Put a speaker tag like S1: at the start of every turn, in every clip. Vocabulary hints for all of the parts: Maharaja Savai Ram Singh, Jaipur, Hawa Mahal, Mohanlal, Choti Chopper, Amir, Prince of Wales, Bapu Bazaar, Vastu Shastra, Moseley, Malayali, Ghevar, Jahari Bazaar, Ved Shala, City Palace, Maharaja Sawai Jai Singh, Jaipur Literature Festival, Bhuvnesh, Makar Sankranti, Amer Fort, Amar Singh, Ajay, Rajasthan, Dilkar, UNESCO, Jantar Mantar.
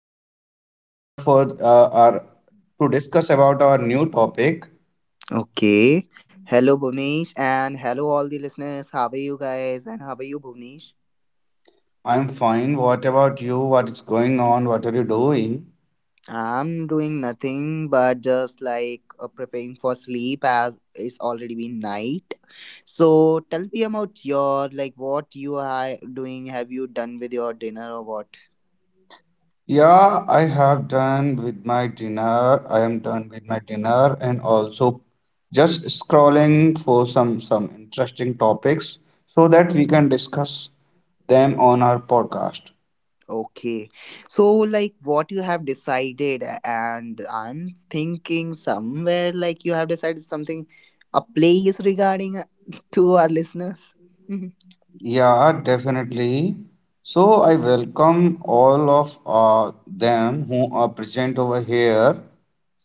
S1: are here for our to discuss about our new topic.
S2: Okay. Hello, Bhuvnesh, and hello, all the listeners. How are you guys? And how are you, Bhuvnesh?
S1: I'm fine. What about you? What is going on? What are you doing?
S2: I'm doing nothing but just like preparing for sleep as it's already been night. So tell me about your like what you are doing. Have you done with your dinner or what?
S1: Yeah, I have done with my dinner. I am done with my dinner and also just scrolling for some interesting topics so that we can discuss them on our podcast.
S2: Okay. So like what you have decided, and I'm thinking somewhere like you have decided something, a place regarding to our listeners.
S1: Yeah, definitely. So I welcome all of them who are present over here.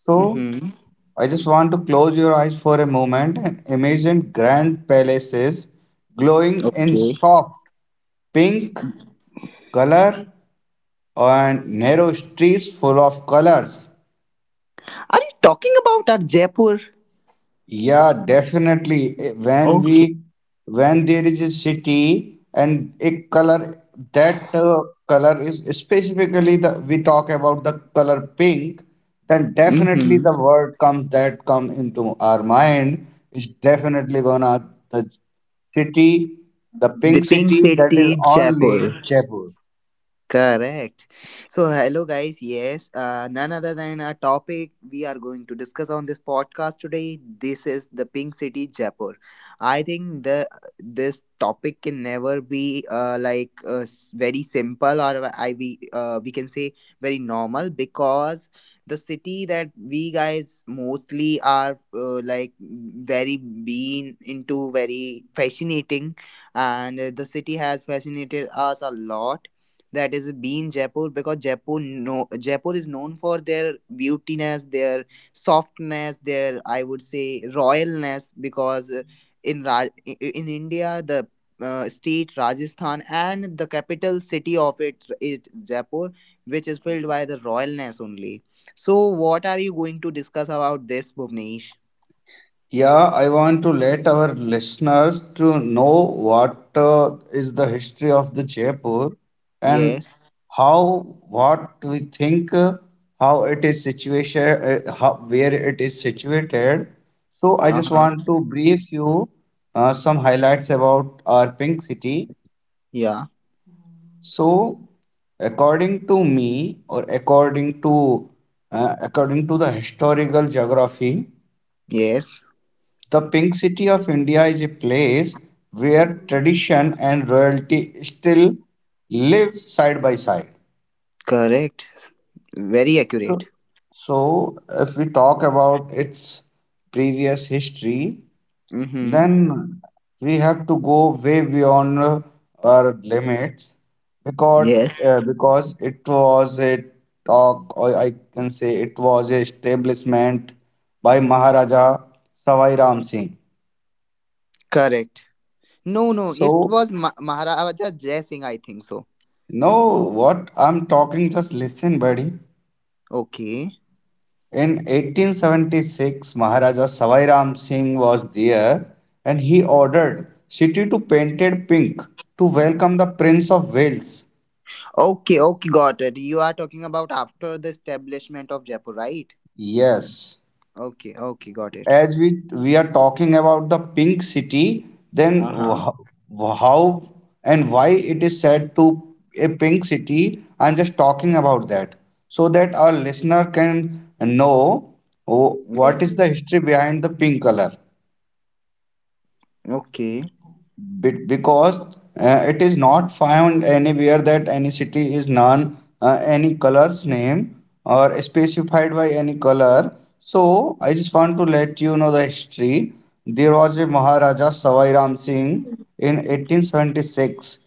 S1: So
S2: Mm-hmm.
S1: I just want to close your eyes for a moment and imagine grand palaces glowing in
S2: Okay.
S1: soft pink color and narrow streets full of colors.
S2: Are you talking about our Jaipur?
S1: Yeah, definitely. When
S2: Okay.
S1: we when there is a city and a color that color is specifically the we talk about the color pink, then definitely
S2: Mm-hmm.
S1: the word comes that come into our mind is definitely gonna the city, the
S2: The
S1: pink
S2: pink
S1: city that is
S2: city,
S1: only
S2: Jaipur.
S1: Jaipur.
S2: Correct. So, hello, guys. Yes, none other than a topic we are going to discuss on this podcast today. This is the Pink City, Jaipur. I think the this topic can never be very simple or I we can say very normal because the city that we guys mostly are like very been into very fascinating and the city has fascinated us a lot, that is being Jaipur because Jaipur no Jaipur is known for their beautiness, their softness, their I would say royalness because in in India the state Rajasthan and the capital city of it is Jaipur, which is filled by the royalness only. So what are you going to discuss about this, Bhuvnesh?
S1: Yeah, I want to let our listeners to know what is the history of the Jaipur and
S2: Yes.
S1: how what we think, how it is situated, how, where it is situated. So I just
S2: Uh-huh.
S1: want to brief you some highlights about our pink city.
S2: Yeah.
S1: So according to me, or according to according to the historical geography.
S2: Yes.
S1: The Pink City of India is a place where tradition and royalty still live side by side.
S2: Correct. Very
S1: So,
S2: accurate.
S1: so if we talk about its previous history,
S2: Mm-hmm.
S1: then we have to go way beyond our limits because
S2: Yes.
S1: because it was a talk, or I can say it was a establishment by Maharaja Savai Ram Singh.
S2: Correct. No, no, it
S1: So
S2: was Maharaja Jai Singh, I think so.
S1: no, what I'm talking, just listen, buddy.
S2: Okay.
S1: In 1876, Maharaja Savai Ram Singh was there and he ordered city to painted pink to welcome the Prince of Wales.
S2: Okay, okay, got it. You are talking about after the establishment of Jaipur, right?
S1: Yes,
S2: Okay, okay, got it.
S1: as we are talking about the pink city, then
S2: Uh huh.
S1: how and why it is said to a pink city? I'm just talking about that so that our listener can know what
S2: Yes.
S1: is the history behind the pink color.
S2: Okay.
S1: Because it is not found anywhere that any city is known any color's name or specified by any color, so I just want to let you know the history. There was a Maharaja Savai Ram Singh in 1876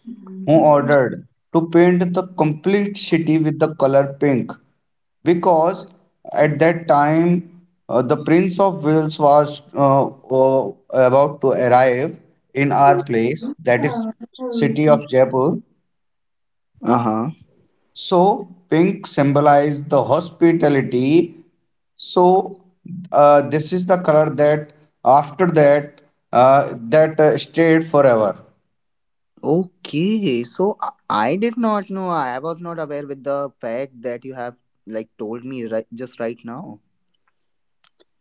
S1: who ordered to paint the complete city with the color pink because at that time the Prince of Wales was about to arrive in our place, that is city of Jaipur.
S2: Uh huh.
S1: So pink symbolized the hospitality. So this is the color that after that stayed forever.
S2: Okay, so I did not know. I was not aware with the fact that you have like told me right just right now.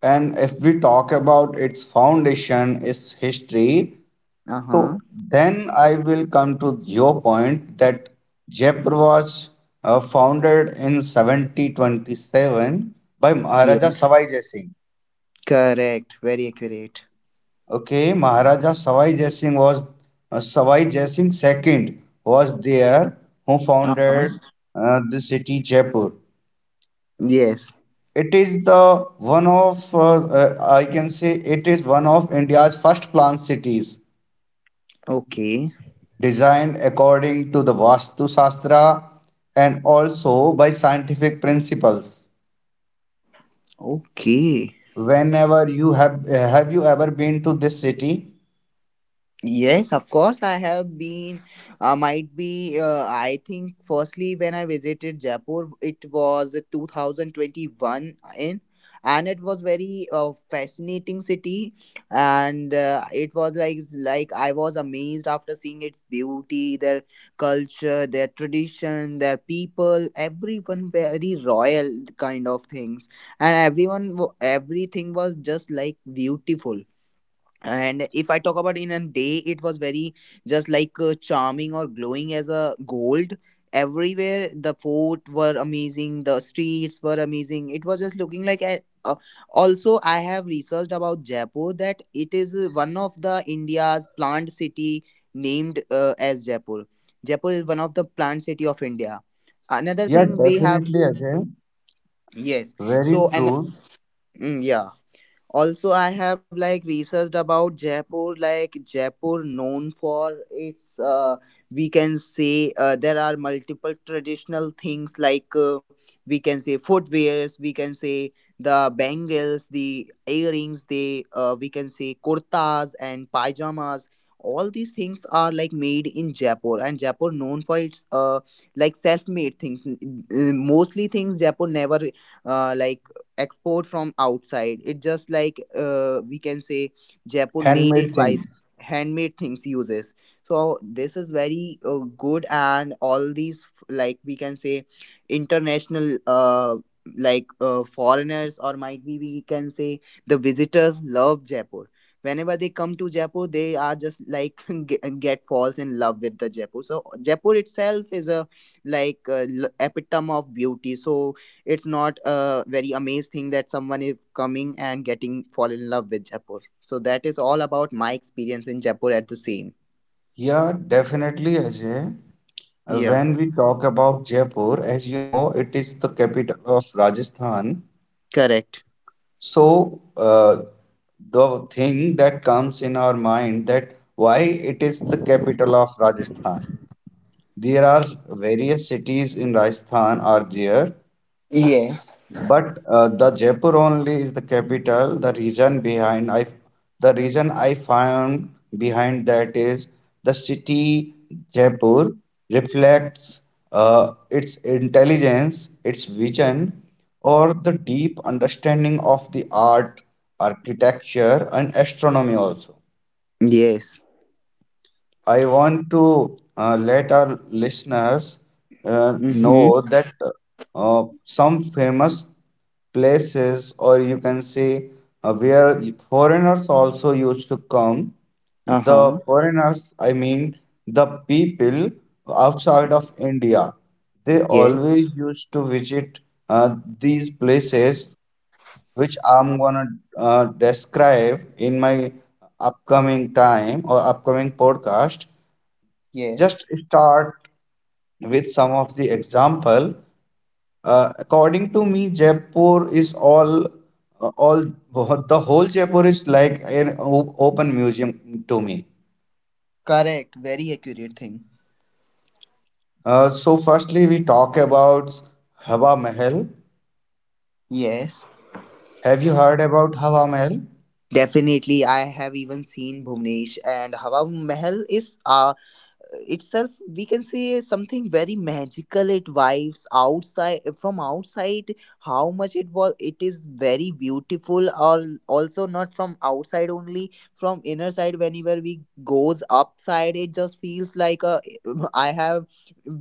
S1: And if we talk about its foundation, its history,
S2: Uh huh.
S1: so then I will come to your point that Jaipur was founded in 1727 by Maharaja
S2: Yes.
S1: Sawai Jai Singh.
S2: Correct. Very accurate.
S1: Okay, Maharaja Sawai Jai Singh was Savai Jai Singh second was there who
S2: Uh
S1: founded
S2: huh.
S1: the city Jaipur.
S2: Yes.
S1: It is the one of I can say it is one of India's first planned cities
S2: Okay,
S1: designed according to the Vastu Shastra and also by scientific principles.
S2: okay.
S1: Whenever you have you ever been to this city?
S2: Yes, of course. I have been. Might be. I think. Firstly, when I visited Jaipur, it was 2021 in, and it was very fascinating city, and it was like I was amazed after seeing its beauty, their culture, their tradition, their people. Everyone very royal kind of things, and everything was just like beautiful. And if I talk about in a day, it was very just like charming or glowing as a gold. Everywhere the fort were amazing, the streets were amazing, it was just looking like a, also I have researched about Jaipur that it is one of the India's plant city named as Jaipur. Jaipur is one of the plant city of India. Another
S1: Yeah,
S2: thing we have,
S1: definitely, Ajay.
S2: yes,
S1: Very
S2: so and,
S1: true.
S2: yeah, also I have like researched about Jaipur, like Jaipur known for its we can say, there are multiple traditional things like we can say footwears, we can say the bangles, the earrings, the, we can say kurtas and pajamas. All these things are like made in Jaipur, and Jaipur known for its like self made things. Mostly things Jaipur never like export from outside, it just like we can say Jaipur made
S1: Handmade
S2: it by
S1: things.
S2: handmade things uses. So this is very good, and all these like we can say international, foreigners or might be we can say the visitors love Jaipur. Whenever they come to Jaipur, they are just like get falls in love with the Jaipur. So Jaipur itself is a like epitome of beauty. So it's not a very amazed thing that someone is coming and getting fall in love with Jaipur. So that is all about my experience in Jaipur at the same.
S1: Yeah, definitely, Ajay. Uh,
S2: Yeah,
S1: When we talk about Jaipur, as you know, it is the capital of Rajasthan.
S2: correct.
S1: So, the thing that comes in our mind that why it is the capital of Rajasthan. There are various cities in Rajasthan are there, but the Jaipur only is the capital. The reason behind I, the reason I found behind that is the city Jaipur reflects its intelligence, its vision, or the deep understanding of the art, architecture, and astronomy also.
S2: Yes.
S1: I want to let our listeners
S2: Mm-hmm.
S1: know that some famous places, or you can say where foreigners also used to come. The
S2: Uh-huh.
S1: foreigners, I mean the people outside of India, they
S2: Yes.
S1: always used to visit uh, these places, which I'm gonna describe in my upcoming time or upcoming podcast
S2: Yes.
S1: just start with some of the example. According to me, Jaipur is all the whole Jaipur is like an open museum to me.
S2: Correct. Very accurate thing.
S1: So, firstly, we talk about Hawa Mahal.
S2: Yes.
S1: Have you heard about Hawa Mahal?
S2: Definitely, I have even seen, Bhuvnesh, and Hawa Mahal is itself, we can say something very magical. It vibes outside from outside. How much it was, it is very beautiful, or also not from outside, only from inner side. Whenever we goes upside, it just feels like a i have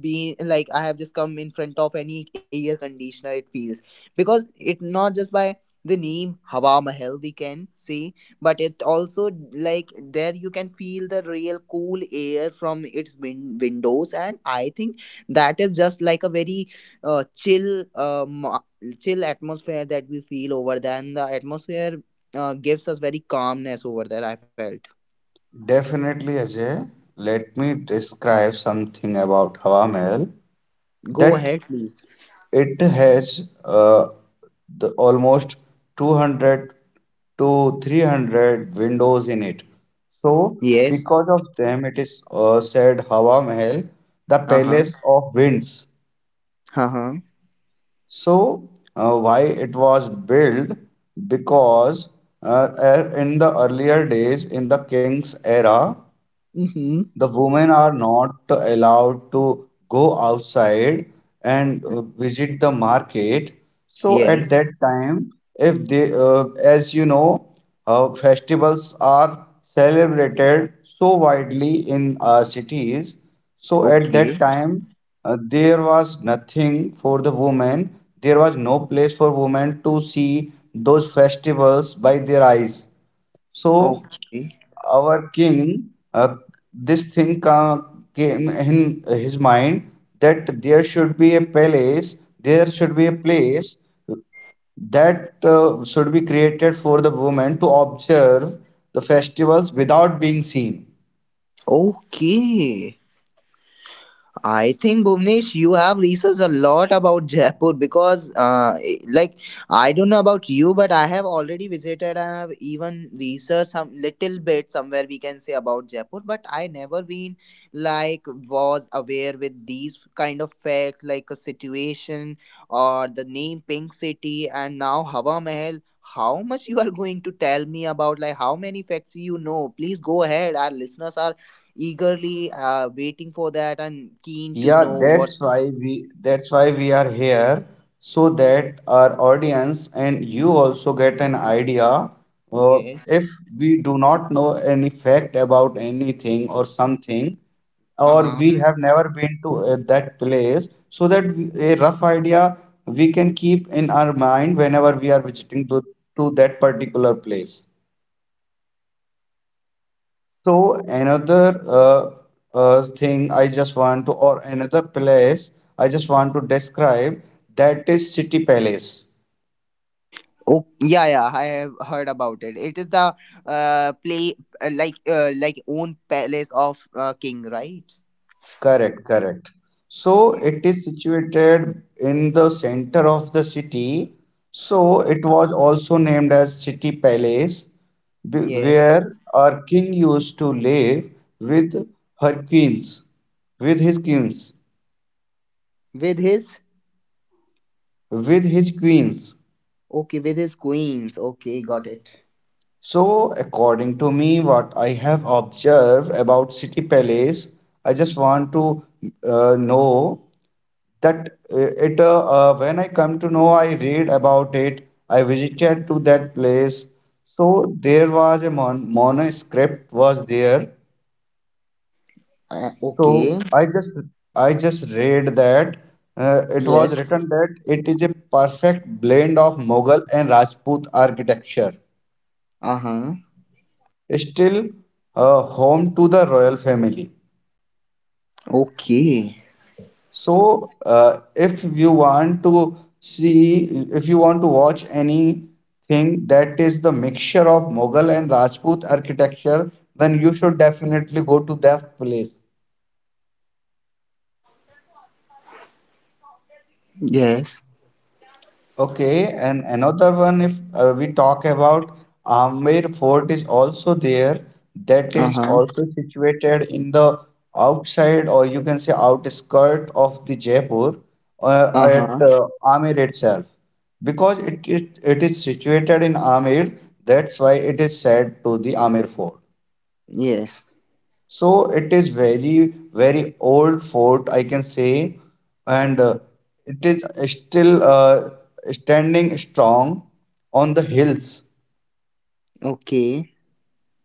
S2: I have just come in front of any air conditioner, it feels because it not just by the name Hawa Mahal we can see, but it also like there you can feel the real cool air from its windows. And I think that is just like a very uh, chill, um, uh, chill atmosphere that we feel over there, and the atmosphere gives us very calmness over there, I felt.
S1: Definitely, Ajay. Let me describe something about Hawa Mahal.
S2: Go
S1: That
S2: ahead, please.
S1: it has the almost 200 to 300 windows in it. So,
S2: Yes.
S1: because of them, it is said Hawa Mahal, the
S2: Uh huh.
S1: palace of winds.
S2: Uh huh.
S1: So, why it was built? Because in the earlier days, in the king's era,
S2: Mm hmm.
S1: the women are not allowed to go outside and visit the market. So at
S2: Yes.
S1: that time, if they, as you know, festivals are celebrated so widely in our cities. So
S2: O
S1: at
S2: quê?
S1: that time, there was nothing for the women. There was no place for women to see those festivals by their eyes.
S2: O
S1: So
S2: quê?
S1: our king, this thing ca- came in his mind that there should be a palace, there should be a place that should be created for the women to observe the festivals without being seen.
S2: O quê? I think, Bhuvnesh, you have researched a lot about Jaipur because, like, I don't know about you, but I have already visited and I have even researched some little bit somewhere we can say about Jaipur, but I never been like was aware with these kind of facts like a situation or the name Pink City and now Hawa Mahal. How much you are going to tell me about? Like, how many facts you know? Please go ahead. Our listeners are eagerly waiting for that and keen to
S1: Yeah,
S2: know what's,
S1: that's why we are here so that our audience and you also get an idea uh,
S2: yes,
S1: if we do not know any fact about anything or something or we
S2: uh-huh.
S1: have never been to that place so that we, a rough idea we can keep in our mind whenever we are visiting to that particular place. So another thing I just want to, or another place I just want to describe, that is City Palace.
S2: Oh, yeah, yeah, I have heard about it. It is the play, like own palace of king, right?
S1: Correct, correct. So
S2: Yeah.
S1: it is situated in the center of the city. So it was also named as City Palace,
S2: Yeah.
S1: where our king used to live with her queens, with his queens,
S2: With his.
S1: with his queens.
S2: Okay, with his queens, okay, got it.
S1: So, according to me, what I have observed about City Palace, I just want to know that it when I come to know, I read about it. I visited to that place. So there was a mon manuscript was there.
S2: Uh,
S1: So
S2: okay.
S1: I just read that it was
S2: Yes.
S1: written that it is a perfect blend of Mughal and Rajput architecture,
S2: Uh-huh.
S1: still home to the royal family.
S2: Okay.
S1: So, if you want to see, if you want to watch anything that is the mixture of Mughal and Rajput architecture, then you should definitely go to that place.
S2: Yes.
S1: Okay, and another one, if we talk about Amer Fort is also there, that is
S2: Uh-huh.
S1: also situated in the outside or you can say outskirt of the Jaipur uh,
S2: Uh-huh.
S1: at uh, Amer itself. Because it is situated in Amer, that's why it is said to the Amer Fort.
S2: Yes.
S1: So it is very old fort, I can say, and it is still standing strong on the hills.
S2: Okay.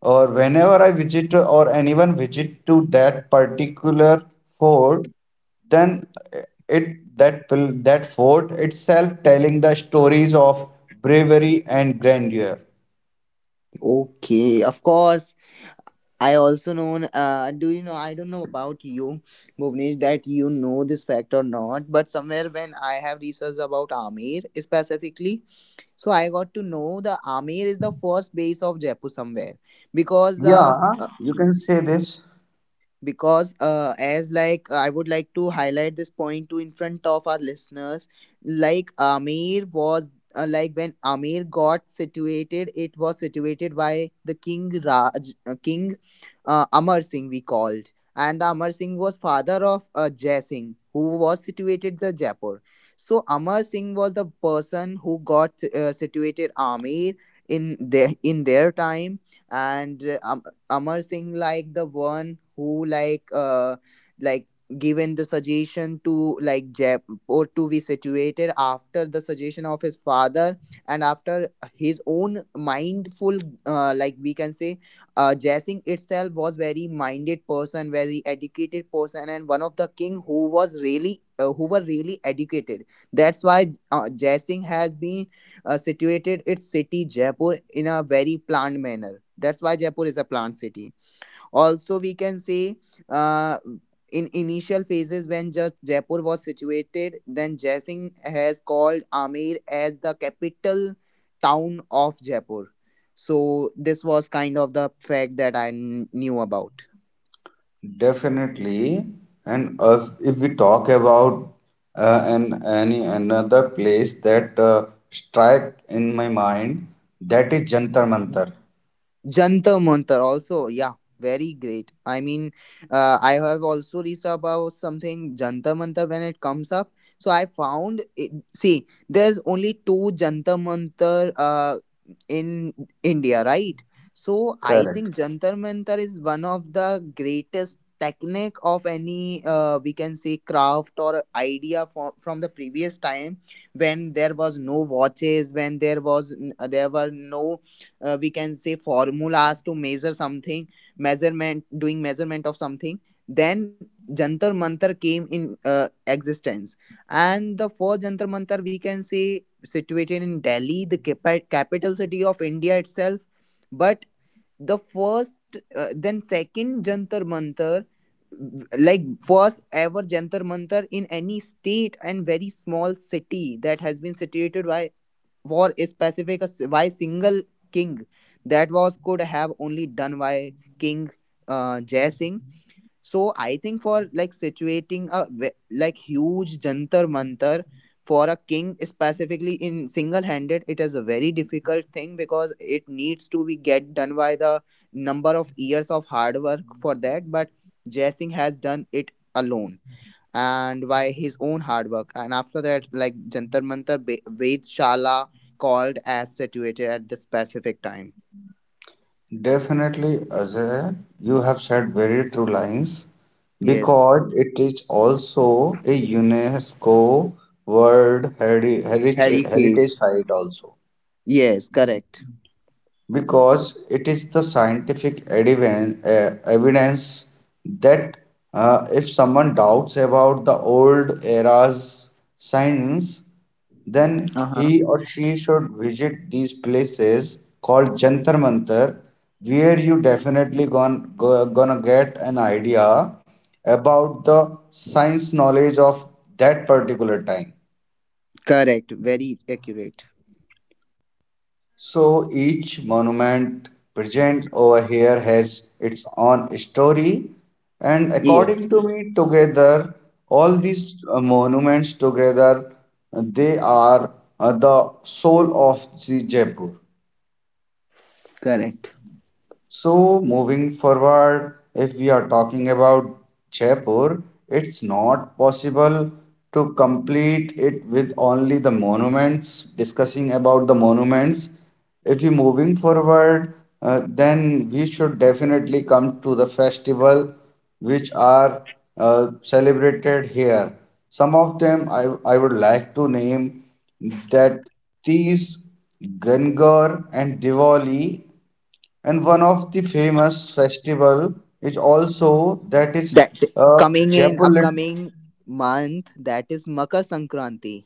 S1: Or whenever I visit or anyone visit to that particular fort, then uh, it that will that fort itself telling the stories of bravery and grandeur.
S2: Okay, of course. I also know. Do you know? I don't know about you, Bhuvnesh, that you know this fact or not. But somewhere when I have researched about Amir specifically, so I got to know the Amir is the first base of Jaipur somewhere, because the
S1: Yeah, you can say this.
S2: because as like I would like to highlight this point to in front of our listeners, like Amir was like when Amir got situated, it was situated by the king Amar Singh we called, and the Amar Singh was father of Jai Singh who was situated the Jaipur. So Amar Singh was the person who got situated Amir in their time. And Amar Singh like the one who like like given the suggestion to like Jaipur to be situated after the suggestion of his father, and after his own mindful, like we can say, Jaising itself was very minded person, very educated person, and one of the king who was really who were really educated. That's why Jaising has been situated its city Jaipur in a very planned manner. That's why Jaipur is a planned city. Also, we can say uh, in initial phases when just Jaipur was situated, then Jaising has called Amer as the capital town of Jaipur. So this was kind of the fact that I knew about.
S1: Definitely, and if we talk about an any another place that strike in my mind, that is Jantar Mantar.
S2: Jantar Mantar also, yeah, very great. I mean, I have also reached about something Jantar Mantar when it comes up. So I found, it, see, there's only two Jantar Mantar in India, right? So I
S1: Correct.
S2: think Jantar Mantar is one of the greatest technique of any we can say craft or idea from the previous time when there was no watches, when there was there were no we can say formulas to measure something, measurement doing measurement of something. Then Jantar Mantar came in existence. And the first Jantar Mantar, we can say, situated in Delhi, the capital city of India itself. But the first then second Jantar Mantar, like first ever Jantar Mantar in any state and very small city that has been situated by war specific, by single king, that was could have only done by king Jai Singh. So I think for like situating a like huge Jantar Mantar for a king specifically in single handed, it is a very difficult thing because it needs to be get done by the number of years of hard work for that. But Jai Singh has done it alone and by his own hard work. And after that, like Jantar Mantar, Ved Shala called as situated at the specific time.
S1: Definitely, Ajay, you have said very true lines
S2: Yes,
S1: because it is also a UNESCO World Heritage
S2: heritage.
S1: Site also,
S2: Yes, correct.
S1: because it is the scientific evidence that if someone doubts about the old era's science, then
S2: Uh huh.
S1: he or she should visit these places called Jantar Mantar, where you definitely gonna get an idea about the science knowledge of that particular time.
S2: Correct. Very accurate.
S1: So each monument present over here has its own story, and
S2: Yes,
S1: according to me, together all these monuments together they are the soul of the Jaipur.
S2: correct.
S1: So, moving forward, if we are talking about Jaipur, it's not possible to complete it with only the monuments, discussing about the monuments. If we moving forward, then we should definitely come to the festival which are celebrated here. Some of them I would like to name that these Gangar and Diwali and one of the famous festival is also that is
S2: That is coming in
S1: Jaipur lit.
S2: upcoming month. That is Makar Sankranti.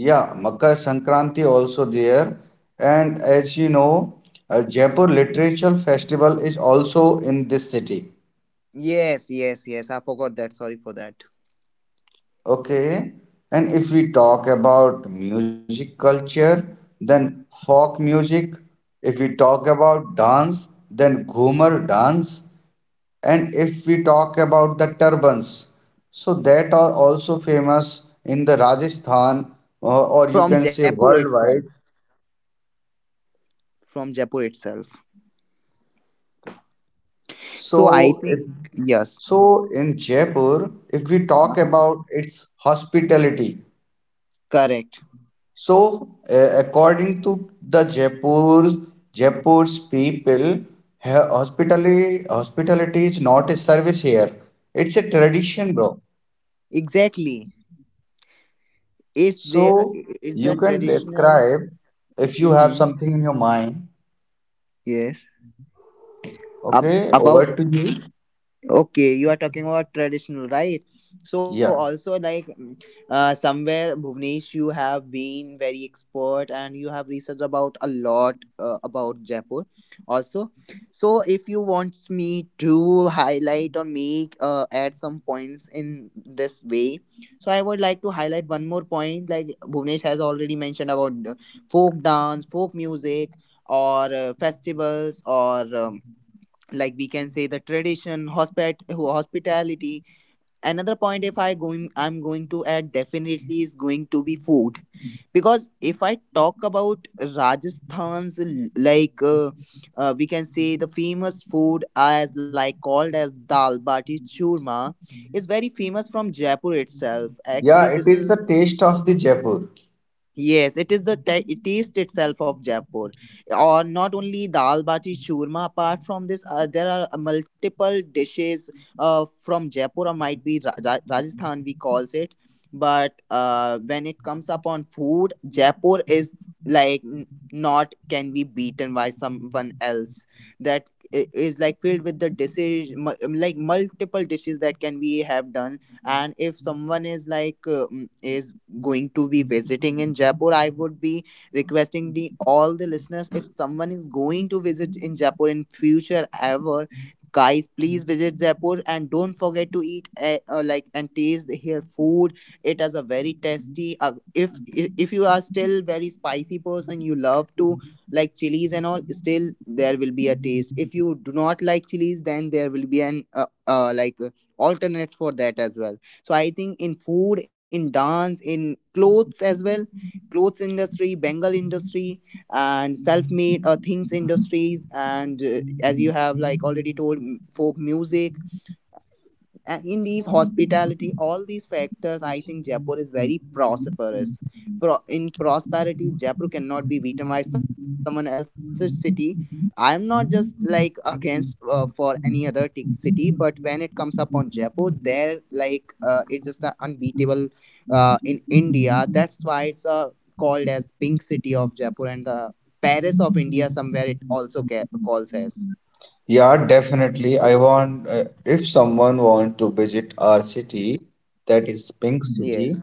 S1: Yeah, Makar Sankranti also there. And as you know, Jaipur Literature Festival is also in this city.
S2: Yes, yes, yes. I forgot that. Sorry for that.
S1: Okay. And if we talk about music culture, then folk music. If we talk about dance, then Ghumar dance. And if we talk about the turbans, so that are also famous in the Rajasthan or you
S2: From
S1: can say
S2: Jaipur
S1: worldwide.
S2: itself. From Jaipur itself. So I
S1: So if
S2: think yes.
S1: so in Jaipur, if we talk
S2: Uh-huh.
S1: about its hospitality,
S2: Correct.
S1: so according to the Jaipur, Jaipur's people, hospitality is not a service here. It's a tradition, bro.
S2: Exactly. Is there.
S1: So
S2: Is
S1: you
S2: the
S1: can
S2: traditional.
S1: describe if you have
S2: Mm-hmm.
S1: something in your mind.
S2: Yes. Ab-
S1: Okay,
S2: about
S1: over to you.
S2: Okay, you are talking about traditional, right? So
S1: Yeah.
S2: also like, somewhere, Bhuvnesh, you have been very expert and you have researched about a lot about Jaipur also. So if you want me to highlight or make add some points in this way, so I would like to highlight one more point. Like Bhuvnesh has already mentioned about folk dance, folk music, or festivals, or like we can say the tradition hospitality. Another point if I'm going to add definitely is going to be food, because if I talk about Rajasthan's like we can say the famous food as like called as dal bati churma is very famous from Jaipur itself.
S1: Yeah,
S2: Actually,
S1: it
S2: this
S1: is
S2: is
S1: the taste of the Jaipur.
S2: yes, it is the taste itself of Jaipur, or not only dal bati churma. Apart from this, there are multiple dishes from Jaipur, or might be Rajasthan we calls it. But when it comes upon food, Jaipur is like not can be beaten by someone else. That is like filled with the dishes, like multiple dishes that can be have done. And if someone is like is going to be visiting in Jaipur, I would be requesting the all the listeners, if someone is going to visit in Jaipur in future ever, guys, please visit Jaipur and don't forget to eat like and taste here food. It has a very tasty. If you are still very spicy person, you love to like chilies and all, still there will be a taste. If you do not like chilies, then there will be an like alternate for that as well. So I think in food, in dance, in clothes as well, clothes industry, bengal industry, and self-made things industries, and as you have like already told, folk music, in these hospitality, all these factors, I think Jaipur is very prosperous. In prosperity Jaipur cannot be victimized someone else's city. I'm not just like against for any other city, but when it comes up on Jaipur, there like it's just a unbeatable in India. That's why it's called as pink city of Jaipur and the Paris of India, somewhere it also calls as
S1: Yeah, definitely. I want, if someone want to visit our city, that is Pink
S2: yes.
S1: City,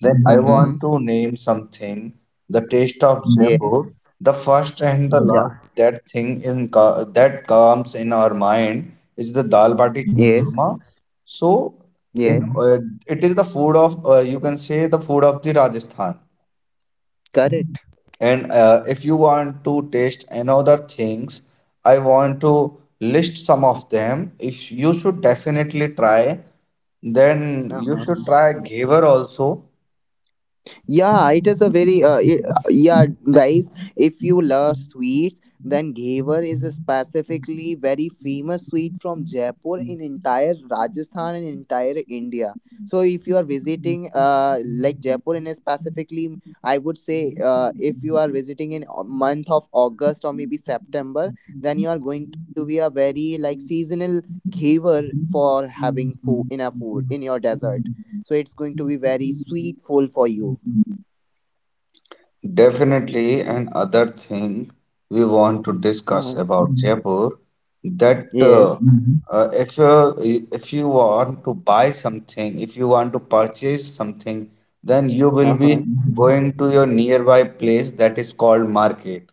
S1: then I
S2: Mm-hmm.
S1: want to name something, the taste of
S2: Yes.
S1: Jaipur, the first and the
S2: Yeah.
S1: last that thing in that comes in our mind is the dal bati
S2: Yes.
S1: churma. So, in
S2: Yes.
S1: it is the food of you can say the food of the Rajasthan.
S2: Correct.
S1: And if you want to taste another things, I want to list some of them. If you should definitely try, then
S2: Uh
S1: you should
S2: huh.
S1: try Ghevar also.
S2: Yeah, it is a very yeah, guys. If you love sweets, then Ghevar is a specifically very famous sweet from Jaipur in entire Rajasthan and entire India. So if you are visiting like Jaipur in a specifically, I would say if you are visiting in month of August or maybe September, then you are going to be a very like seasonal Ghevar for having food in a food in your desert. So it's going to be very sweetful for you.
S1: Definitely, and other thing we want to
S2: Uh-huh.
S1: discuss about Jaipur that
S2: Yes.
S1: if you want to buy something, if you want to purchase something, then you will
S2: Uh-huh.
S1: be going to your nearby place that is called market.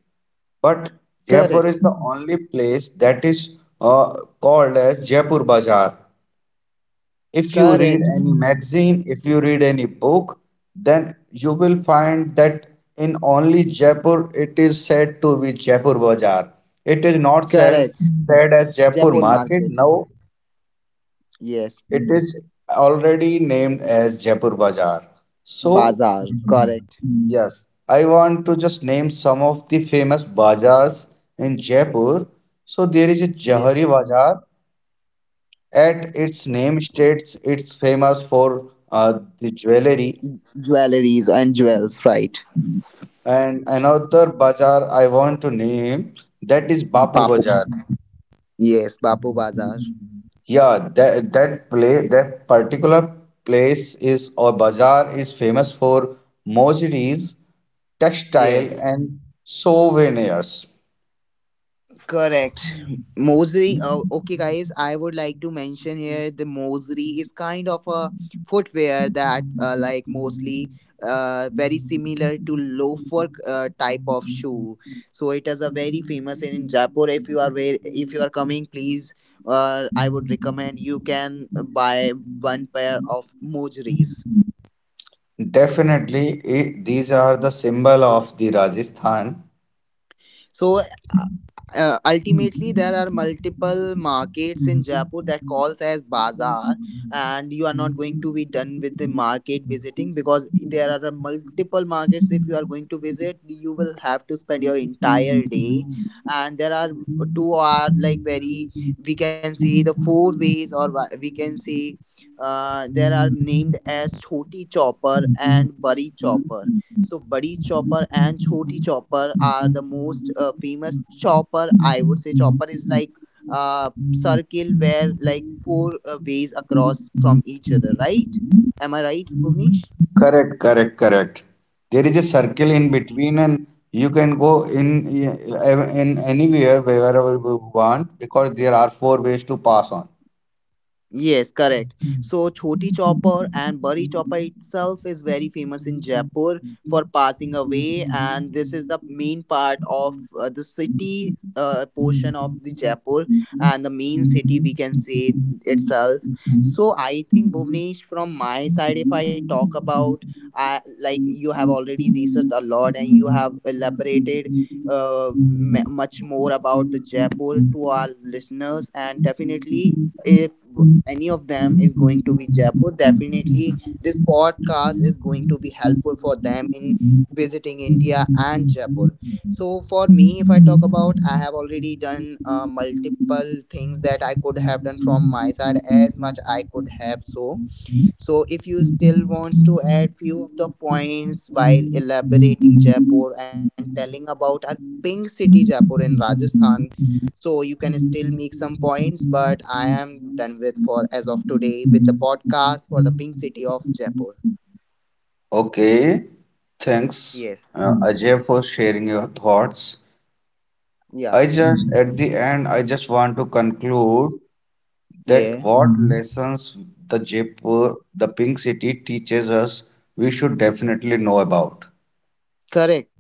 S1: But
S2: Correct.
S1: Jaipur is the only place that is called as Jaipur Bazaar. If you read
S2: Correct.
S1: any magazine, if you read any book, then you will find that in only Jaipur it is said to be Jaipur Bazaar. It is not
S2: Correct.
S1: said as Jaipur
S2: Jaipur
S1: Market.
S2: market.
S1: No,
S2: Yes.
S1: it is already named as Jaipur Bazaar. So,
S2: Bazaar. Correct.
S1: yes, I want to just name some of the famous bazaars in Jaipur. So, there is a Jahari
S2: Yes.
S1: Bazaar. At its name states, it's famous for the jewelry.
S2: Jewelries and jewels. Right.
S1: And another bazaar I want to name that is Bapu
S2: Bapu.
S1: Bazaar.
S2: Yes. Bapu Bazaar.
S1: Yeah, that place, that particular place is or bazaar is famous for moseries textile
S2: Yes.
S1: and souvenirs.
S2: Correct. Moseley. Okay, guys, I would like to mention here the Moseley is kind of a footwear that, like, mostly very similar to loafer type of shoe. So it is a very famous in Jaipur. If you are where, if you are coming, please. I would recommend you can buy one pair of mojeries.
S1: Definitely, it, these are the symbol of the Rajasthan.
S2: So uh, ultimately, there are multiple markets in Jaipur that calls as bazaar, and you are not going to be done with the market visiting because there are multiple markets. If you are going to visit, you will have to spend your entire day, and there are two are like very, we can say the four ways or we can say. There are named as Choti Chopper and Bari Chopper. So Badi Chopper and Choti Chopper are the most famous chopper. I would say chopper is like circle where like four ways across from each other, right? Am I right, Bhuvnesh?
S1: Correct. There is a circle in between, and you can go in anywhere wherever you want because there are four ways to pass on.
S2: Yes, correct. So Choti Chopper and Bari Chopper itself is very famous in Jaipur for passing away, and this is the main part of the city portion of the Jaipur and the main city, we can say, itself. So I think Bhuvnesh, from my side, if I talk about, like you have already researched a lot and you have elaborated much more about the Jaipur to our listeners, and definitely if any of them is going to be Jaipur, definitely this podcast is going to be helpful for them in visiting India and Jaipur. So for me, if I talk about, I have already done multiple things that I could have done from my side as much I could have so. So if you still wants to add few of the points while elaborating Jaipur and telling about our pink city Jaipur in Rajasthan, so you can still make some points, but I am done with for as of today with the podcast for the pink city of Jaipur.
S1: Okay, thanks,
S2: Yes.
S1: Ajay, for sharing your thoughts.
S2: Yeah.
S1: I just at the end, I just want to conclude that
S2: Yeah.
S1: what lessons the Jaipur, the Pink City teaches us, we should definitely know about.
S2: Correct.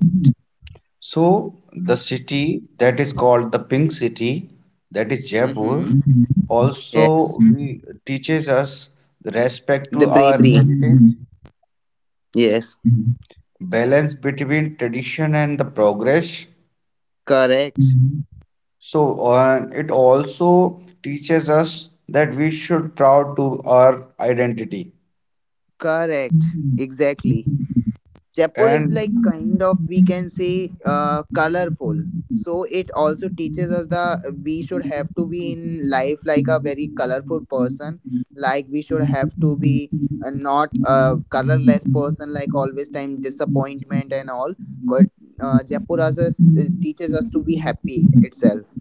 S1: So, the city that is called the Pink City, that is Jaipur,
S2: Mm-hmm. Yes.
S1: also we, teaches us the respect
S2: The
S1: to our
S2: bravery.
S1: heritage,
S2: Yes.
S1: balance between tradition and the progress.
S2: Correct.
S1: So, it also teaches us that we should proud to our identity
S2: Correct. Exactly. Jaipur is
S1: and
S2: like kind of, we can say, colorful. So it also teaches us the we should have to be in life like a very colorful person. Like we should have to be not a colorless person. Like always time disappointment and all. Co- Jaipur as us, teaches us to be happy itself.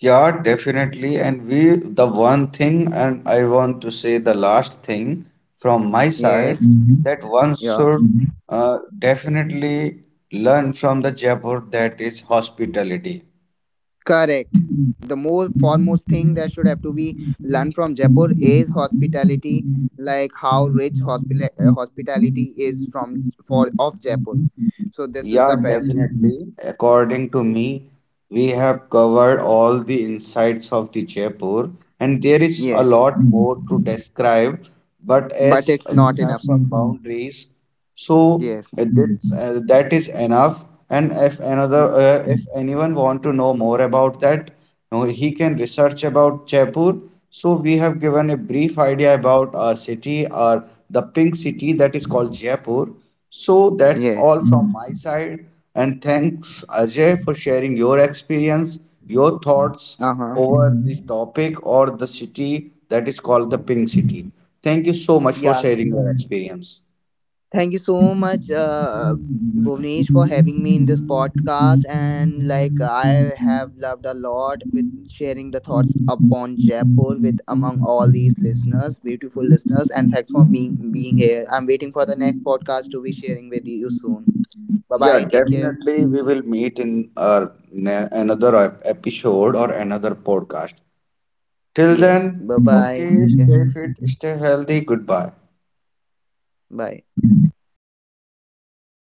S1: yeah, definitely. And we, the one thing, and I want to say the last thing from my
S2: Yes.
S1: side, that one
S2: Yeah.
S1: should definitely learn from the Jaipur that is hospitality.
S2: Correct. The most foremost thing that should have to be learned from Jaipur is hospitality, like how rich hospitality is from for of Jaipur. So this is
S1: Yeah,
S2: the fact.
S1: definitely. According to me, we have covered all the insights of the Jaipur, and there is a
S2: Yes,
S1: lot more to describe. But
S2: but
S1: as
S2: it's
S1: we
S2: not
S1: have
S2: enough.
S1: some boundaries, so
S2: Yes,
S1: that is enough. And if another
S2: yes,
S1: if anyone want to know more about that, he can research about Jaipur. So we have given a brief idea about our city or the pink city that is called Jaipur. So that's all
S2: yes.
S1: from my side. And thanks Ajay for sharing your experience, your thoughts
S2: Uh huh.
S1: over the topic or the city that is called the pink city. Thank you so much for
S2: Yeah.
S1: sharing your experience.
S2: Thank you
S1: Yeah,
S2: so much, Bhuvnesh, for having me in this podcast. And like, I have loved a lot with sharing the thoughts upon Jaipur with among all these listeners, beautiful listeners. And thanks for being here. I'm waiting for the next podcast to be sharing with you soon. Bye bye. Take care.
S1: definitely. We will meet in our another episode or another podcast. Till
S2: Yes.
S1: then,
S2: Bye bye. Take
S1: okay,
S2: care.
S1: stay fit, stay healthy. Goodbye.
S2: Bye.